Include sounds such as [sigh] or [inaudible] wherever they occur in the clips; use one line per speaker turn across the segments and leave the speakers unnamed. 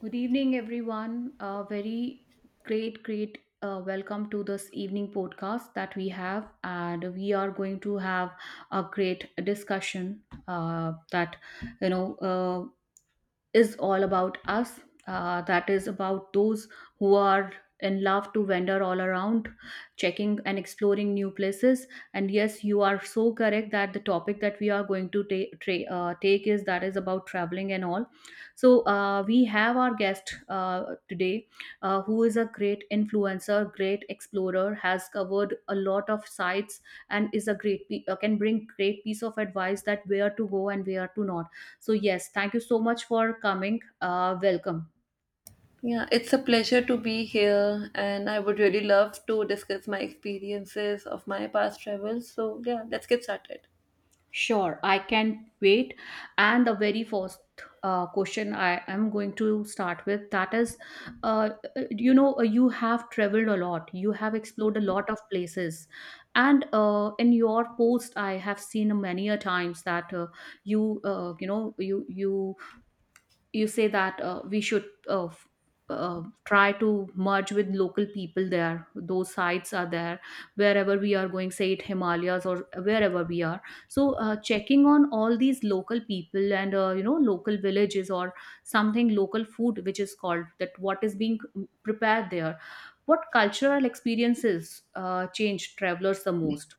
Good evening, everyone. A very great, welcome to this evening podcast that we have, and we are going to have a great discussion that you know. Is all about us. That is about those who are in love to wander all around, checking and exploring new places. And yes, you are so correct that the topic that we are going to take is that is about traveling and all. So we have our guest today, who is a great influencer, great explorer, has covered a lot of sites, and is a great can bring great piece of advice that where to go and where to not, so yes, thank you so much for coming. Welcome.
Yeah, it's a pleasure to be here, and I would really love to discuss my experiences of my past travels. So, yeah, let's get started.
Sure, I can wait. And the very first question I am going to start with that is, uh, you have traveled a lot. You have explored a lot of places, and in your post, I have seen many a times that you, uh, you know, you you you say that we should try to merge with local people there those sites are there wherever we are going, say it Himalayas or wherever we are. So checking on all these local people and local villages or something, local food which is called that what is being prepared there, what cultural experiences change travelers the most?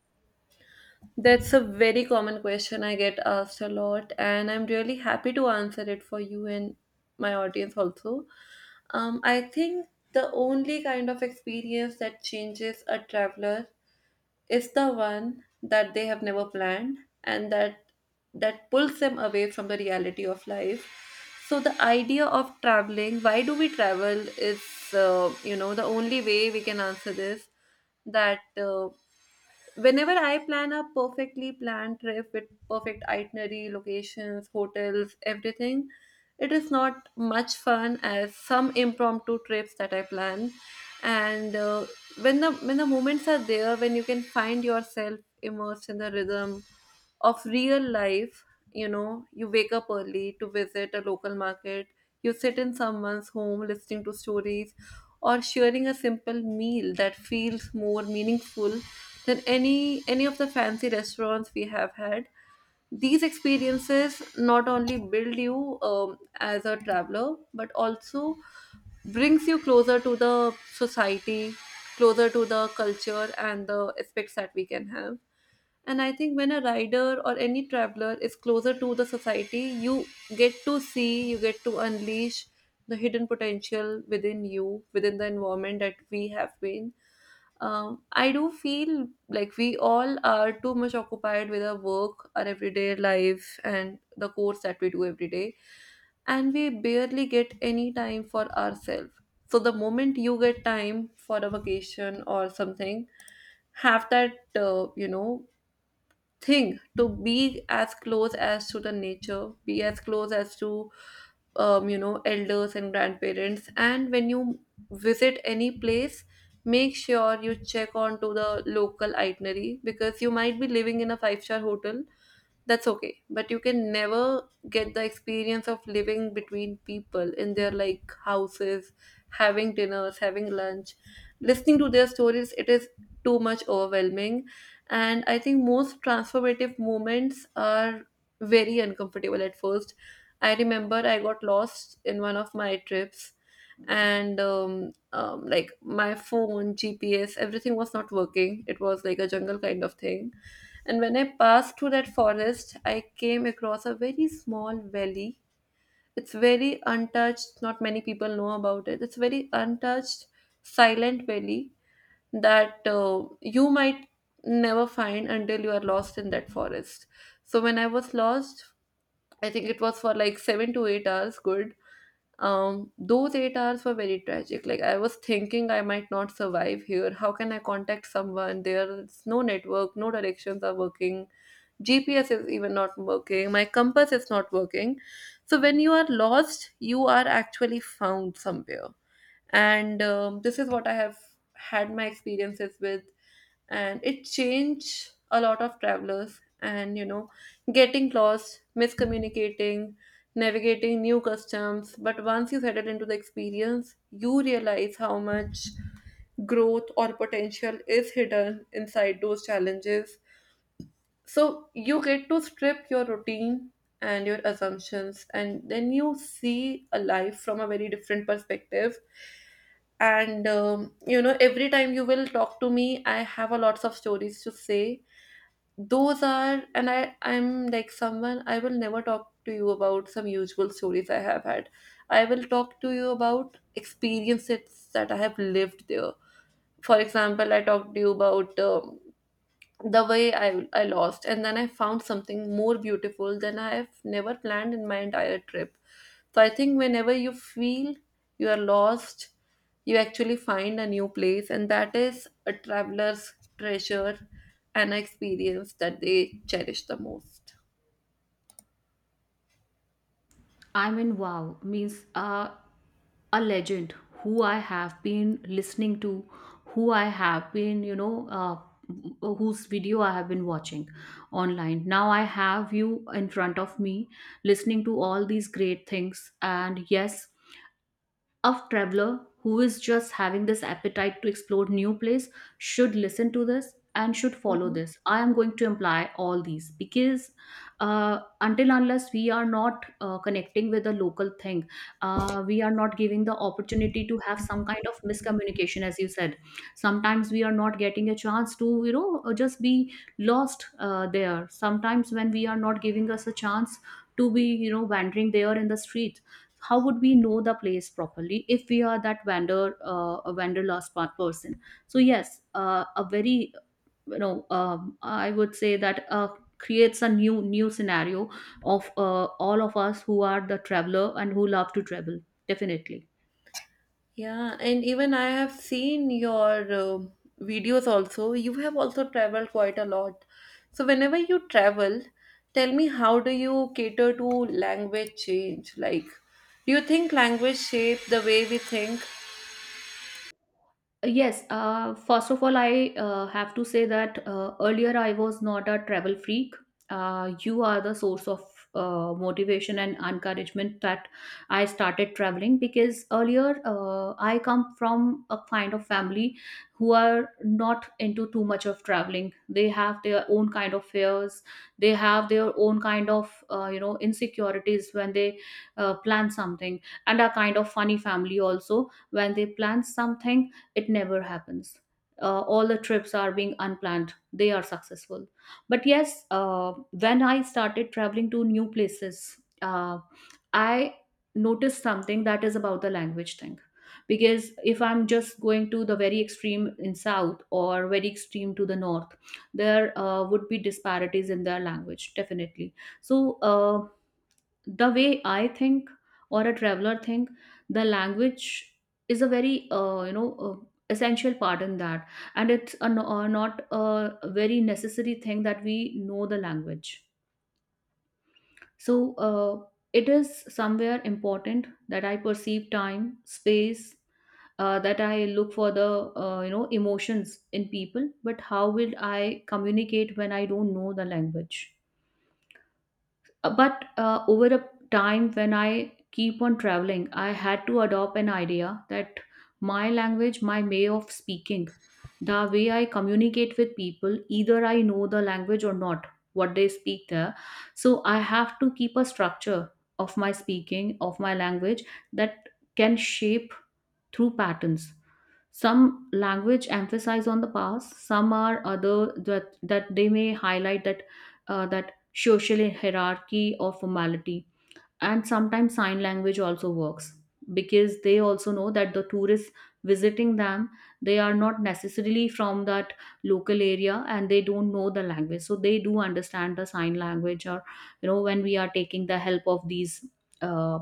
That's a very common question I get asked a lot, and I'm really happy to answer it for you and my audience also. I think the only kind of experience that changes a traveler is the one that they have never planned and that pulls them away from the reality of life. So the idea of traveling, why do we travel, is the only way we can answer this, that whenever I plan a perfectly planned trip with perfect itinerary, locations, hotels, everything, it is not much fun as some impromptu trips that I plan. And when the moments are there, when you can find yourself immersed in the rhythm of real life, you know, you wake up early to visit a local market, you sit in someone's home listening to stories, or sharing a simple meal that feels more meaningful than any of the fancy restaurants we have had. These experiences not only build you as a traveler, but also brings you closer to the society, closer to the culture and the aspects that we can have. And I think when a rider or any traveler is closer to the society, you get to unleash the hidden potential within you, within the environment that we have been. I do feel like we all are too much occupied with our work, our everyday life, and the course that we do every day, and we barely get any time for ourselves. So the moment you get time for a vacation or something, have that thing to be as close as to the nature, be as close as to elders and grandparents. And when you visit any place, make sure you check on to the local itinerary, because you might be living in a five-star hotel, that's okay, but you can never get the experience of living between people in their like houses, having dinners, having lunch, listening to their stories. It is too much overwhelming. And I think most transformative moments are very uncomfortable at first. I remember I got lost in one of my trips, and my phone, GPS, everything was not working. It was like a jungle kind of thing. And when I passed through that forest, I came across a very small valley. It's very untouched, not many people know about it. It's very untouched, silent valley that you might never find until you are lost in that forest. So when I was lost, I think it was for like 7 to 8 hours good. Those 8 hours were very tragic. Like I was thinking I might not survive here. How can I contact someone? There's no network, no directions are working. GPS is even not working. My compass is not working. So when you are lost, you are actually found somewhere. And this is what I have had my experiences with, and it changed a lot of travelers. And you know, getting lost, miscommunicating, navigating new customs, but once you settle into the experience, you realize how much growth or potential is hidden inside those challenges. So you get to strip your routine and your assumptions, and then you see a life from a very different perspective. And you know, every time you will talk to me, I have a lots of stories to say. Those are, and I'm like someone, I will never talk to you about some usual stories I have had. I will talk to you about experiences that I have lived there. For example, I talked to you about the way I lost and then I found something more beautiful than I have never planned in my entire trip. So I think whenever you feel you are lost, you actually find a new place, and that is a traveler's treasure and experience that they cherish the most.
I mean, wow, means a legend who I have been listening to, who I have been, whose video I have been watching online. Now I have you in front of me listening to all these great things. And yes, of traveler who is just having this appetite to explore new place should listen to this and should follow
Mhm.
this. I am going to imply all these because until unless we are not connecting with the local thing, we are not giving the opportunity to have some kind of miscommunication, as you said. Sometimes we are not getting a chance to just be lost there. Sometimes when we are not giving us a chance to be, wandering there in the streets, how would we know the place properly if we are that vendor, a wanderlust part person? So yes, a very I would say that creates a new scenario of all of us who are the traveler and who love to travel, definitely.
Yeah, and even I have seen your videos also. You have also traveled quite a lot. So whenever you travel, tell me, how do you cater to language change? Like, do you think language shape the way we think?
Yes, first of all, I have to say that earlier I was not a travel freak. You are the source of motivation and encouragement that I started traveling, because earlier I come from a kind of family who are not into too much of traveling. They have their own kind of fears, they have their own kind of insecurities when they plan something, and a kind of funny family also, when they plan something, it never happens. All the trips are being unplanned. They are successful. But yes, when I started traveling to new places, I noticed something that is about the language thing. Because if I'm just going to the very extreme in south or very extreme to the north, there would be disparities in their language, definitely. So the way I think or a traveler think, the language is a very essential part in that, and it's a, not a very necessary thing that we know the language. So it is somewhere important that I perceive time, space, that I look for the emotions in people, but how will I communicate when I don't know the language? But Over a time, when I keep on traveling, I had to adopt an idea that my language, my way of speaking, the way I communicate with people, either I know the language or not what they speak there, so I have to keep a structure of my speaking, of my language, that can shape through patterns. Some language emphasize on the past, some are other that they may highlight that that social hierarchy or formality. And sometimes sign language also works, because they also know that the tourists visiting them, they are not necessarily from that local area and they don't know the language, so they do understand the sign language. Or you know, when we are taking the help of these uh,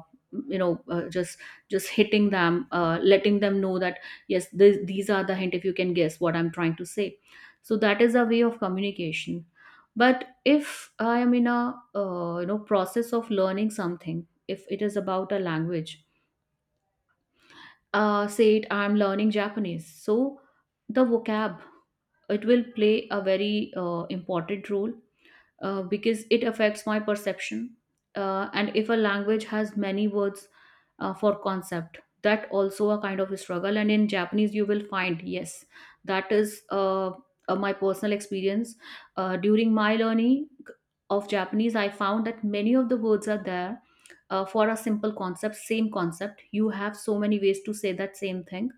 you know uh, just just hitting them, letting them know that yes, these are the hint, if you can guess what I'm trying to say. So that is a way of communication. But if I am in a process of learning something, if it is about a language, say it I'm learning Japanese, so the vocab, it will play a very important role, because it affects my perception. And if a language has many words for concept, that also a kind of a struggle. And in Japanese, you will find yes, that is my personal experience during my learning of Japanese. I found that many of the words are there for a simple concept, same concept. You have so many ways to say that same thing.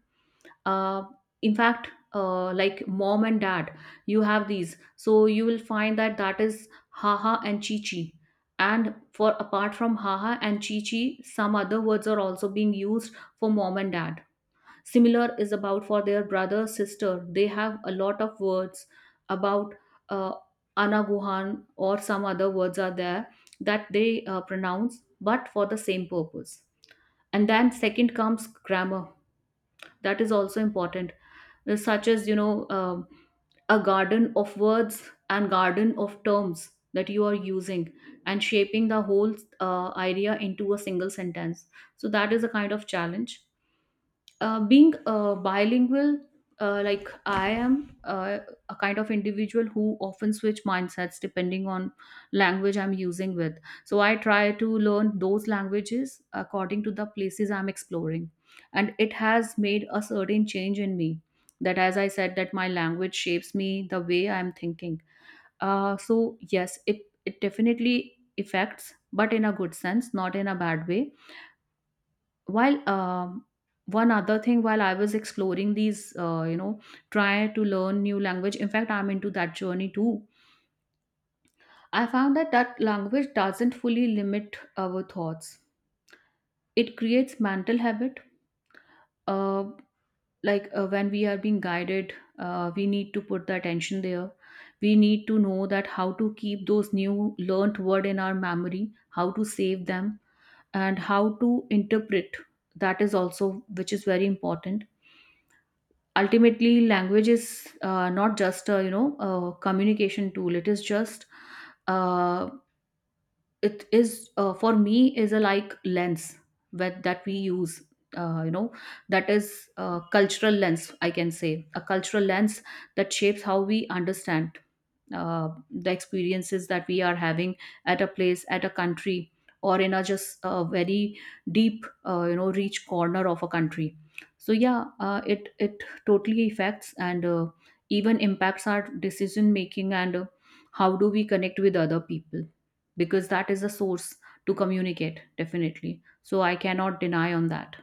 Uh, in fact Like mom and dad, you have these, so you will find that that is haha and chichi, and for, apart from haha and chichi, some other words are also being used for mom and dad. Similar is about for their brother, sister, they have a lot of words about uh, anaguhan, or some other words are there that they pronounce, but for the same purpose. And then second comes grammar, that is also important, such as a garden of words and garden of terms that you are using, and shaping the whole idea into a single sentence. So that is a kind of challenge, being bilingual. Uh, like i am uh, a kind of individual who often switch mindsets depending on language I'm using with. So I try to learn those languages according to the places I'm exploring, and it has made a certain change in me that, as I said, that my language shapes me the way I'm thinking. So yes, it definitely affects, but in a good sense, not in a bad way. While one other thing, while I was exploring these, try to learn new language, in fact I'm into that journey too, I found that that language doesn't fully limit our thoughts, it creates mental habit, uh, like when we are being guided, we need to put the attention there, we need to know that how to keep those new learnt word in our memory, how to save them and how to interpret. That is also which is very important. Ultimately language is not just a, a communication tool. It is just uh, it is for me is a, like, lens that we use, uh, you know that is a cultural lens, I can say a cultural lens, that shapes how we understand the experiences that we are having at a place, at a country, or in a just a very deep reach corner of a country. So yeah, it totally affects, and even impacts our decision making, and how do we connect with other people, because that is a source to communicate, definitely. So I cannot deny on that.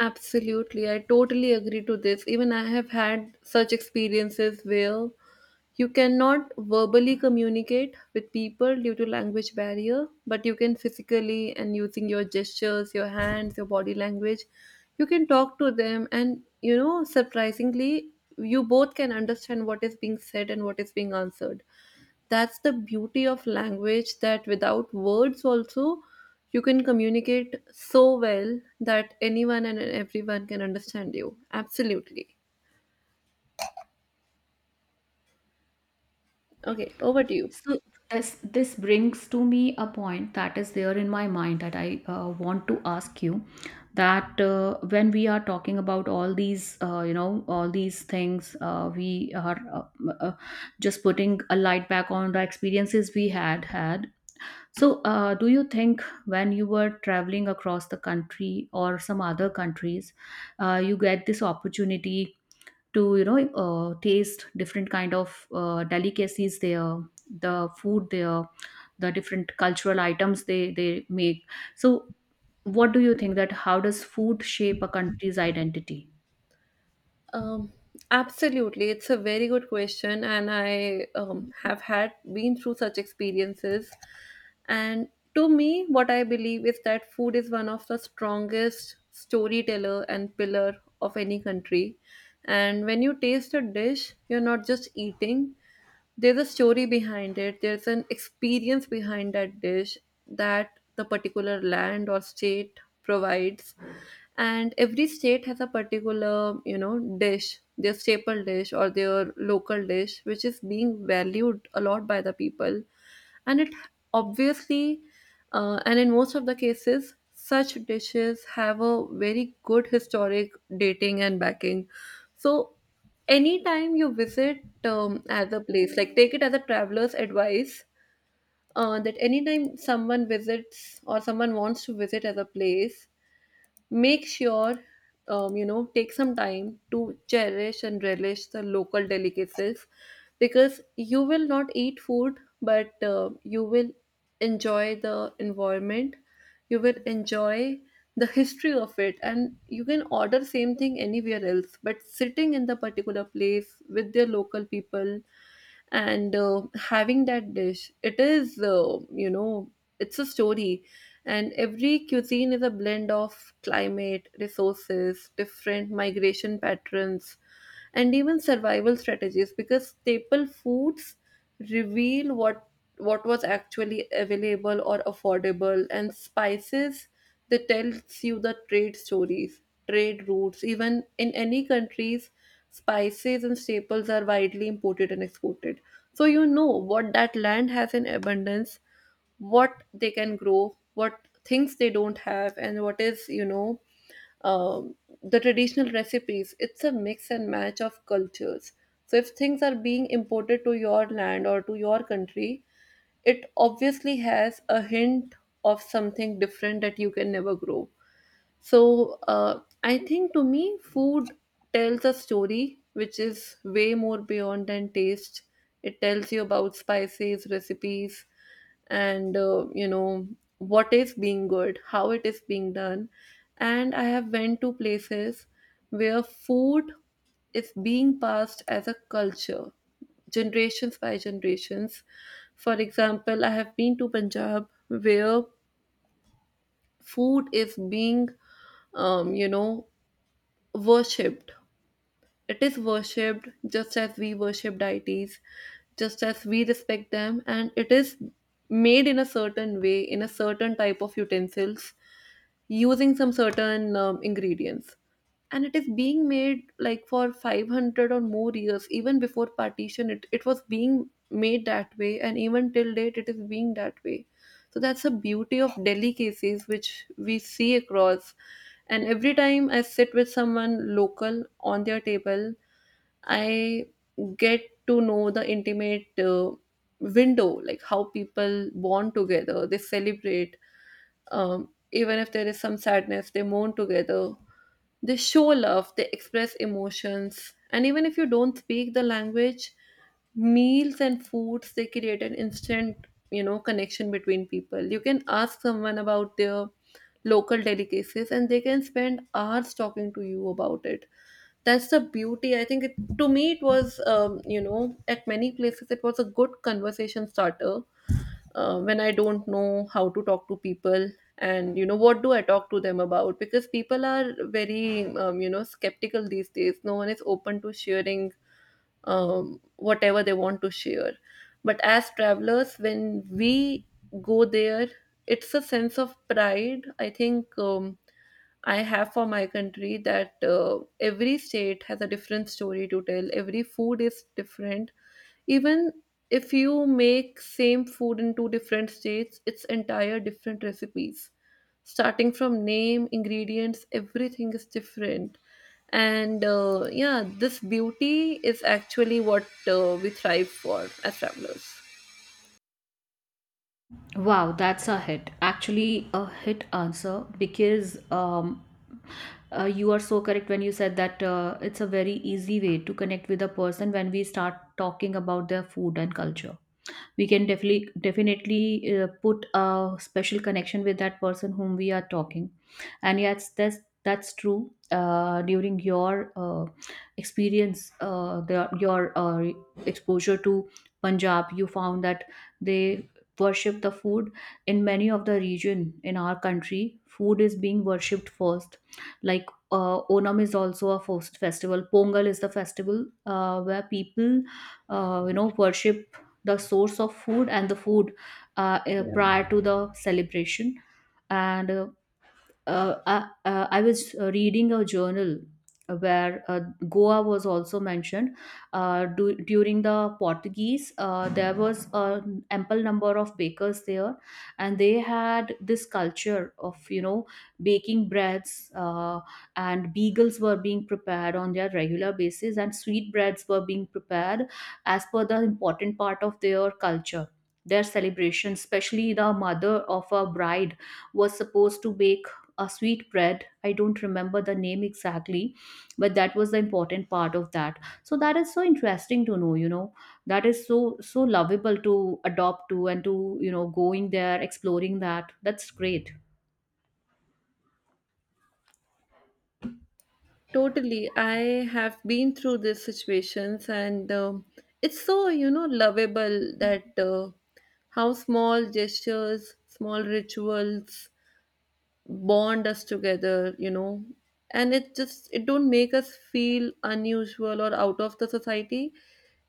Absolutely. I totally agree to this. Even I have had such experiences where you cannot verbally communicate with people due to language barrier, but you can physically, and using your gestures, your hands, your body language, you can talk to them, and you know, surprisingly, you both can understand what is being said and what is being answered. That's the beauty of language, that without words also you can communicate so well that anyone and everyone can understand you. Absolutely. Okay, over to you.
So this this brings to me a point that is there in my mind that I want to ask you, that when we are talking about all these, all these things, we are just putting a light back on the experiences we had had. So do you think when you were traveling across the country or some other countries, you get this opportunity to, taste different kind of delicacies there, the food there, the different cultural items they make? So what do you think, that how does food shape a country's identity?
Um, absolutely, it's a very good question, and I have had been through such experiences. And to me, what I believe is that food is one of the strongest storyteller and pillar of any country. And when you taste a dish, you're not just eating; there's a story behind it, there's an experience behind that dish that the particular land or state provides. And every state has a particular, you know, dish, their staple dish or their local dish, which is being valued a lot by the people. And it obviously, and in most of the cases such dishes have a very good historic dating and backing. So anytime you visit as a place, like take it as a traveler's advice, that anytime someone visits or someone wants to visit as a place, make sure, you know, take some time to cherish and relish the local delicacies, because you will not eat food, but you will enjoy the environment, you will enjoy the history of it. And you can order same thing anywhere else, but sitting in the particular place with their local people and having that dish, it is you know, it's a story. And every cuisine is a blend of climate, resources, different migration patterns, and even survival strategies, because staple foods reveal what was actually available or affordable. And spices, they tells you the trade stories, trade routes, even in any countries. Spices and staples are widely imported and exported. So you know what that land has in abundance, what they can grow, what things they don't have, and what is, you know, um, the traditional recipes. It's a mix and match of cultures. So if things are being imported to your land or to your country, it obviously has a hint of something different that you can never grow. So I think to me, food tells a story which is way more beyond than taste. It tells you about spices, recipes, and you know, what is being good, how it is being done. And I have went to places where food is being passed as a culture, generations by generations. For example, I have been to Punjab, where food is being, you know, worshipped. It is worshipped just as we worship deities, just as we respect them, and it is made in a certain way, in a certain type of utensils, using some certain ingredients. And it is being made like for 500 or more years, even before partition it was being made that way, and even till date it is being that way. So that's the beauty of delicacies which we see across. And every time I sit with someone local on their table, I get to know the intimate window, like how people bond together, they celebrate, even if there is some sadness, they mourn together. They show love, they express emotions. And even if you don't speak the language, meals and foods, they create an instant, you know, connection between people. You can ask someone about their local delicacies, and they can spend hours talking to you about it. That's the beauty. I think to me it was, you know, at many places it was a good conversation starter, when I don't know how to talk to people, and you know, what do I talk to them about, because people are very, you know, skeptical these days. No one is open to sharing whatever they want to share. But as travelers, when we go there, it's a sense of pride. I think I have for my country that every state has a different story to tell, every food is different. Even if you make same food in two different states, it's entire different recipes, starting from name, ingredients, everything is different. And yeah, this beauty is actually what we thrive for as travelers.
Wow, that's a hit. Actually, a hit answer because you are so correct when you said that it's a very easy way to connect with a person when we start talking about their food and culture. We can definitely put a special connection with that person whom we are talking. And yes, that's true. During your experience, your exposure to Punjab, you found that they worship the food. In many of the region in our country, food is being worshipped first. Like, Onam is also a first festival, Pongal is the festival where people, worship the source of food and the food,
Yeah,
prior to the celebration. And I was reading a journal where, Goa was also mentioned. During the Portuguese, there was an ample number of bakers there, and they had this culture of, you know, baking breads, and beagles were being prepared on their regular basis, and sweet breads were being prepared as per the important part of their culture. Their celebration, especially the mother of a bride, was supposed to bake a sweet bread. I don't remember the name exactly, but that was the important part of that. So that is so interesting to know, you know, that is so so lovable to adopt to, and to, you know, going there exploring that. That's great.
totally. I have been through these situations, and it's so, you know, lovable that how small gestures, small rituals, bond us together. And it just it don't make us feel unusual or out of the society.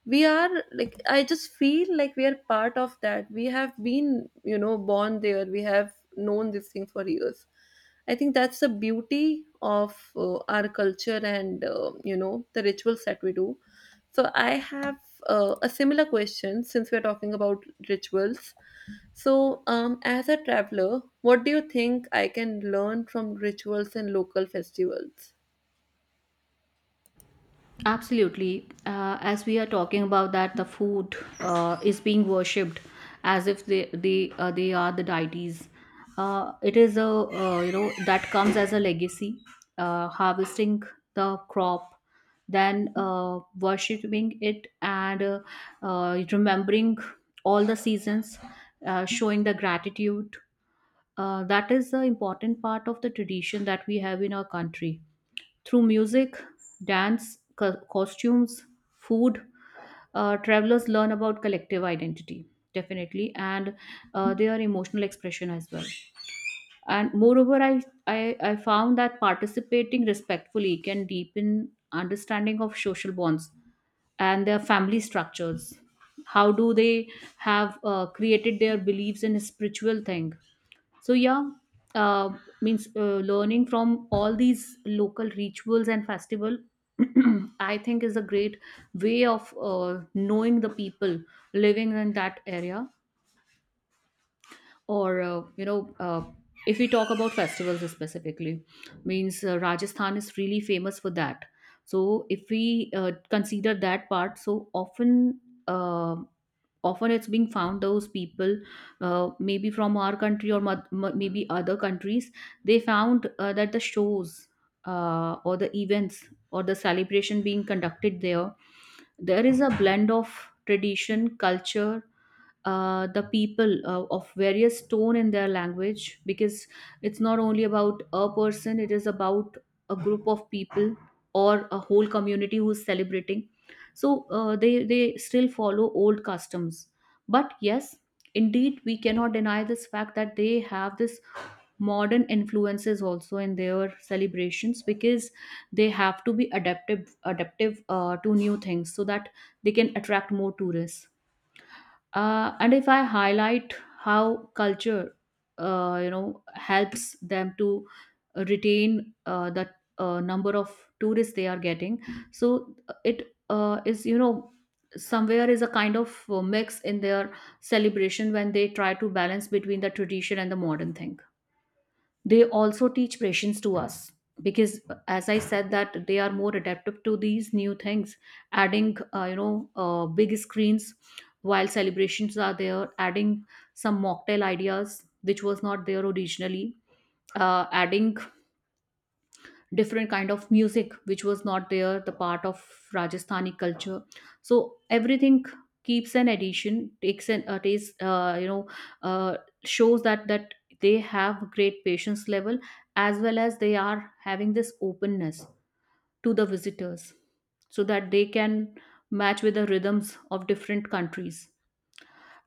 We are like, I just feel like we are part of that. We have been, you know, born there, we have known this thing for years. I think that's the beauty of our culture and you know, the rituals that we do. So I have a similar question. Since we're talking about rituals, so, as a traveler, what do you think I can learn from rituals and local festivals?
Absolutely. As we are talking about that, the food is being worshipped as if they are the deities. It is a, that comes as a legacy. Harvesting the crop, then worshipping it, and remembering all the seasons, showing the gratitude. That is the important part of the tradition that we have in our country. Through music, dance, costumes, food, travelers learn about collective identity, definitely, and their emotional expression as well. And moreover, I found that participating respectfully can deepen understanding of social bonds and their family structures. How do they have created their beliefs in a spiritual thing? So yeah, uh, means, learning from all these local rituals and festival, [clears throat] I think is a great way of knowing the people living in that area. Or, if we talk about festivals specifically, means, Rajasthan is really famous for that. So if we, consider that part, so often, uh, often it's being found those people, maybe from our country or maybe other countries, they found that the shows, or the events or the celebration being conducted there, there is a blend of tradition culture, the people of various tone in their language. Because it's not only about a person, it is about a group of people or a whole community who's celebrating. So they still follow old customs, but yes, indeed we cannot deny this fact that they have this modern influences also in their celebrations, because they have to be adaptive to new things so that they can attract more tourists. And if I highlight how culture, helps them to retain, the, number of tourists they are getting. So it is, you know, somewhere is a kind of mix in their celebration when they try to balance between the tradition and the modern thing. They also teach patience to us. Because, as I said, that they are more adaptive to these new things, adding, big screens while celebrations are there, adding some mocktail ideas which was not there originally, adding different kind of music which was not there the part of Rajasthani culture. So everything keeps an addition, takes an takes, you know uh, shows that they have great patience level as well as they are having this openness to the visitors, so that they can match with the rhythms of different countries.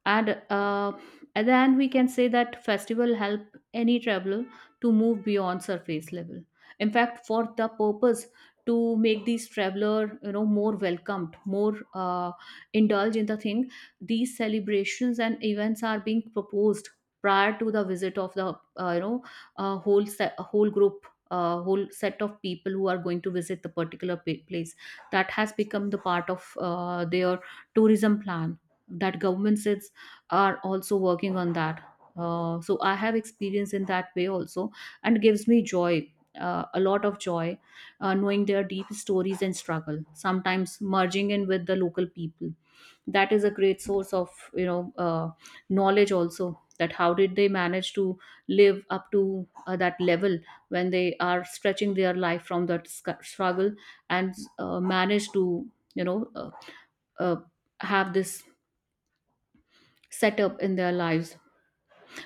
And uh, and then we can say that festival help any traveler to move beyond surface level. In fact, for the purpose to make these traveler, you know, more welcomed, more indulge in the thing, these celebrations and events are being proposed prior to the visit of the, uh, you know whole group, whole set of people who are going to visit the particular place that has become the part of their tourism plan, that government says are also working on that. So I have experience in that way also, and gives me joy, a lot of joy, knowing their deep stories and struggle. Sometimes merging in with the local people, that is a great source of, you know, knowledge also. That how did they manage to live up to, that level when they are stretching their life from that struggle, and manage to, you know uh, uh, have this setup in their lives,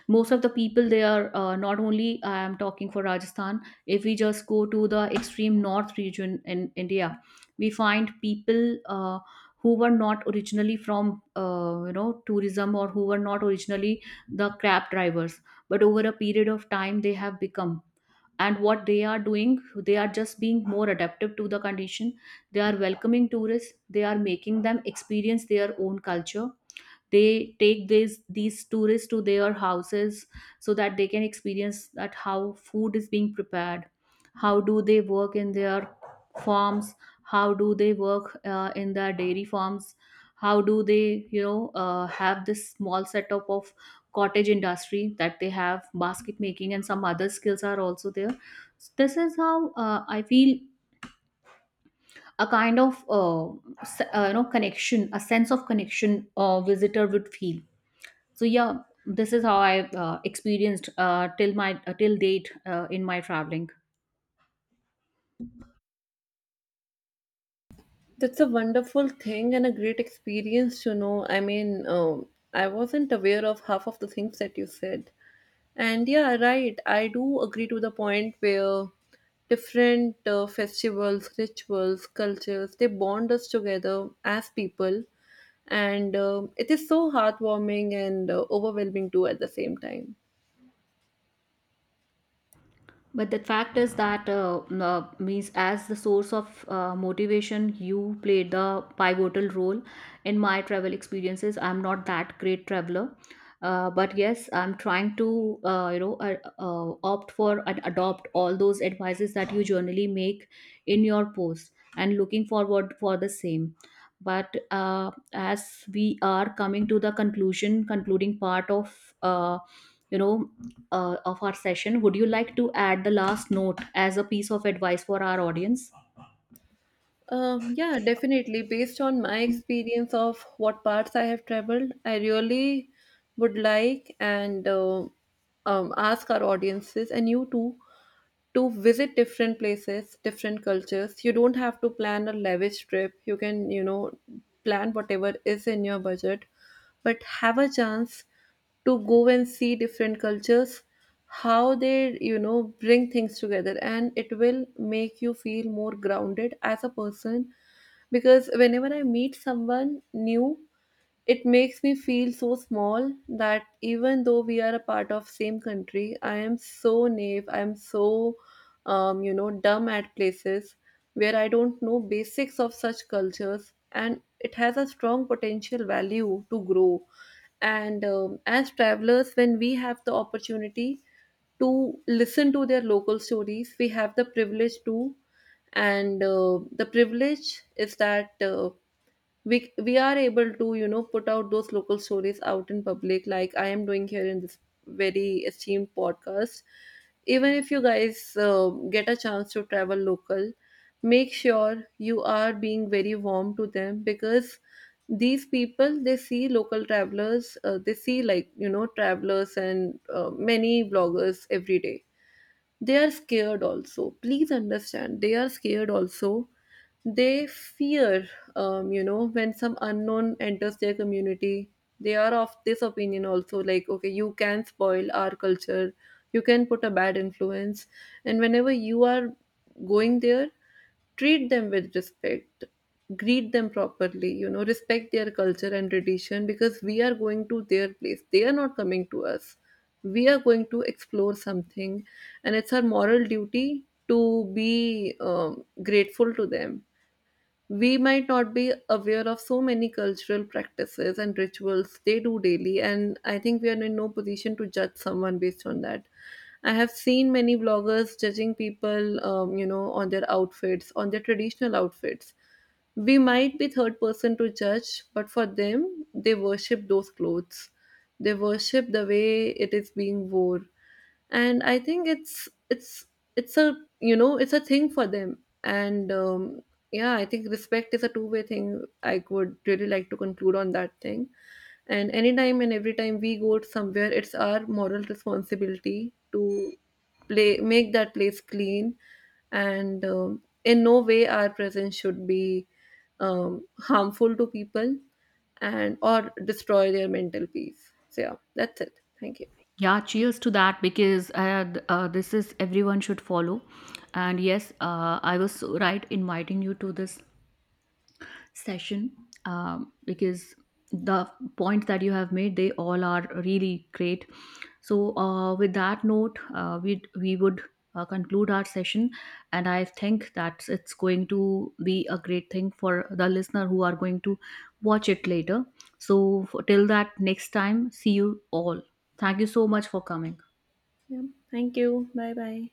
most of the people there. Uh, not only, I am talking for Rajasthan. If we just go to the extreme north region in India, we find people, uh, who were not originally from, tourism, or who were not originally the cab drivers, but over a period of time they have become. And what they are doing, they are just being more adaptive to the condition. They are welcoming tourists, they are making them experience their own culture, they take these tourists to their houses so that they can experience that how food is being prepared, how do they work in their farms, how do they work in their dairy farms, how do they, you know, have this small setup of cottage industry, that they have basket making and some other skills are also there. This is how, I feel a kind of connection, a sense of connection a visitor would feel. So yeah, this is how I experienced till date in my traveling.
That's a wonderful thing and a great experience to know. I mean, I wasn't aware of half of the things that you said. And yeah, right, I do agree to the point where different festivals, rituals, cultures, they bond us together as people. And it is so heartwarming and overwhelming too at the same time.
But the fact is that, means, as the source of motivation, you played the pivotal role in my travel experiences. I'm not that great traveler, but yes, I'm trying to, opt for and adopt all those advices that you generally make in your post, and looking forward for the same. But as we are coming to the conclusion, concluding part of. You know, of our session, would you like to add the last note as a piece of advice for our audience?
Yeah, definitely. Based on my experience of what parts I have traveled, I really would like and ask our audiences, and you too, to visit different places, different cultures. You don't have to plan a lavish trip. You can, you know, plan whatever is in your budget, but have a chance to go and see different cultures, how they, you know, bring things together. And it will make you feel more grounded as a person, because whenever I meet someone new, it makes me feel so small that even though we are a part of same country, I am so naive, I am so you know, dumb at places where I don't know basics of such cultures, and it has a strong potential value to grow. And as travelers, when we have the opportunity to listen to their local stories, we have the privilege to, and the privilege is that we are able to, you know, put out those local stories out in public, like I am doing here in this very esteemed podcast. Even if you guys get a chance to travel local, make sure you are being very warm to them, because these people, they see local travelers, they see, like, you know, travelers, and many bloggers every day. They are scared also, please understand, they are scared also, they fear you know, when some unknown enters their community. They are of this opinion also, like, okay, you can spoil our culture, you can put a bad influence. And whenever you are going there, treat them with respect, greet them properly, you know, respect their culture and tradition, because we are going to their place, they are not coming to us. We are going to explore something, and it's our moral duty to be, grateful to them. We might not be aware of so many cultural practices and rituals they do daily, and I think we are in no position to judge someone based on that. I have seen many bloggers judging people, you know, on their outfits, on their traditional outfits. We might be third person to judge, but for them, they worship those clothes, they worship the way it is being worn. And I think it's it's a, you know, it's a thing for them. And yeah, I think respect is a two-way thing. I would really like to conclude on that thing. And anytime and every time we go somewhere, it's our moral responsibility to play, make that place clean. And in no way our presence should be harmful to people and or destroy their mental peace. So yeah, that's it, thank you.
Yeah, cheers to that, because this is everyone should follow. And yes, I was so right inviting you to this session, because the points that you have made, they all are really great. So, with that note, we would conclude our session. And I think that it's going to be a great thing for the listener who are going to watch it later. So till that, next time, see you all. Thank you so much for coming.
Yeah, thank you, bye bye.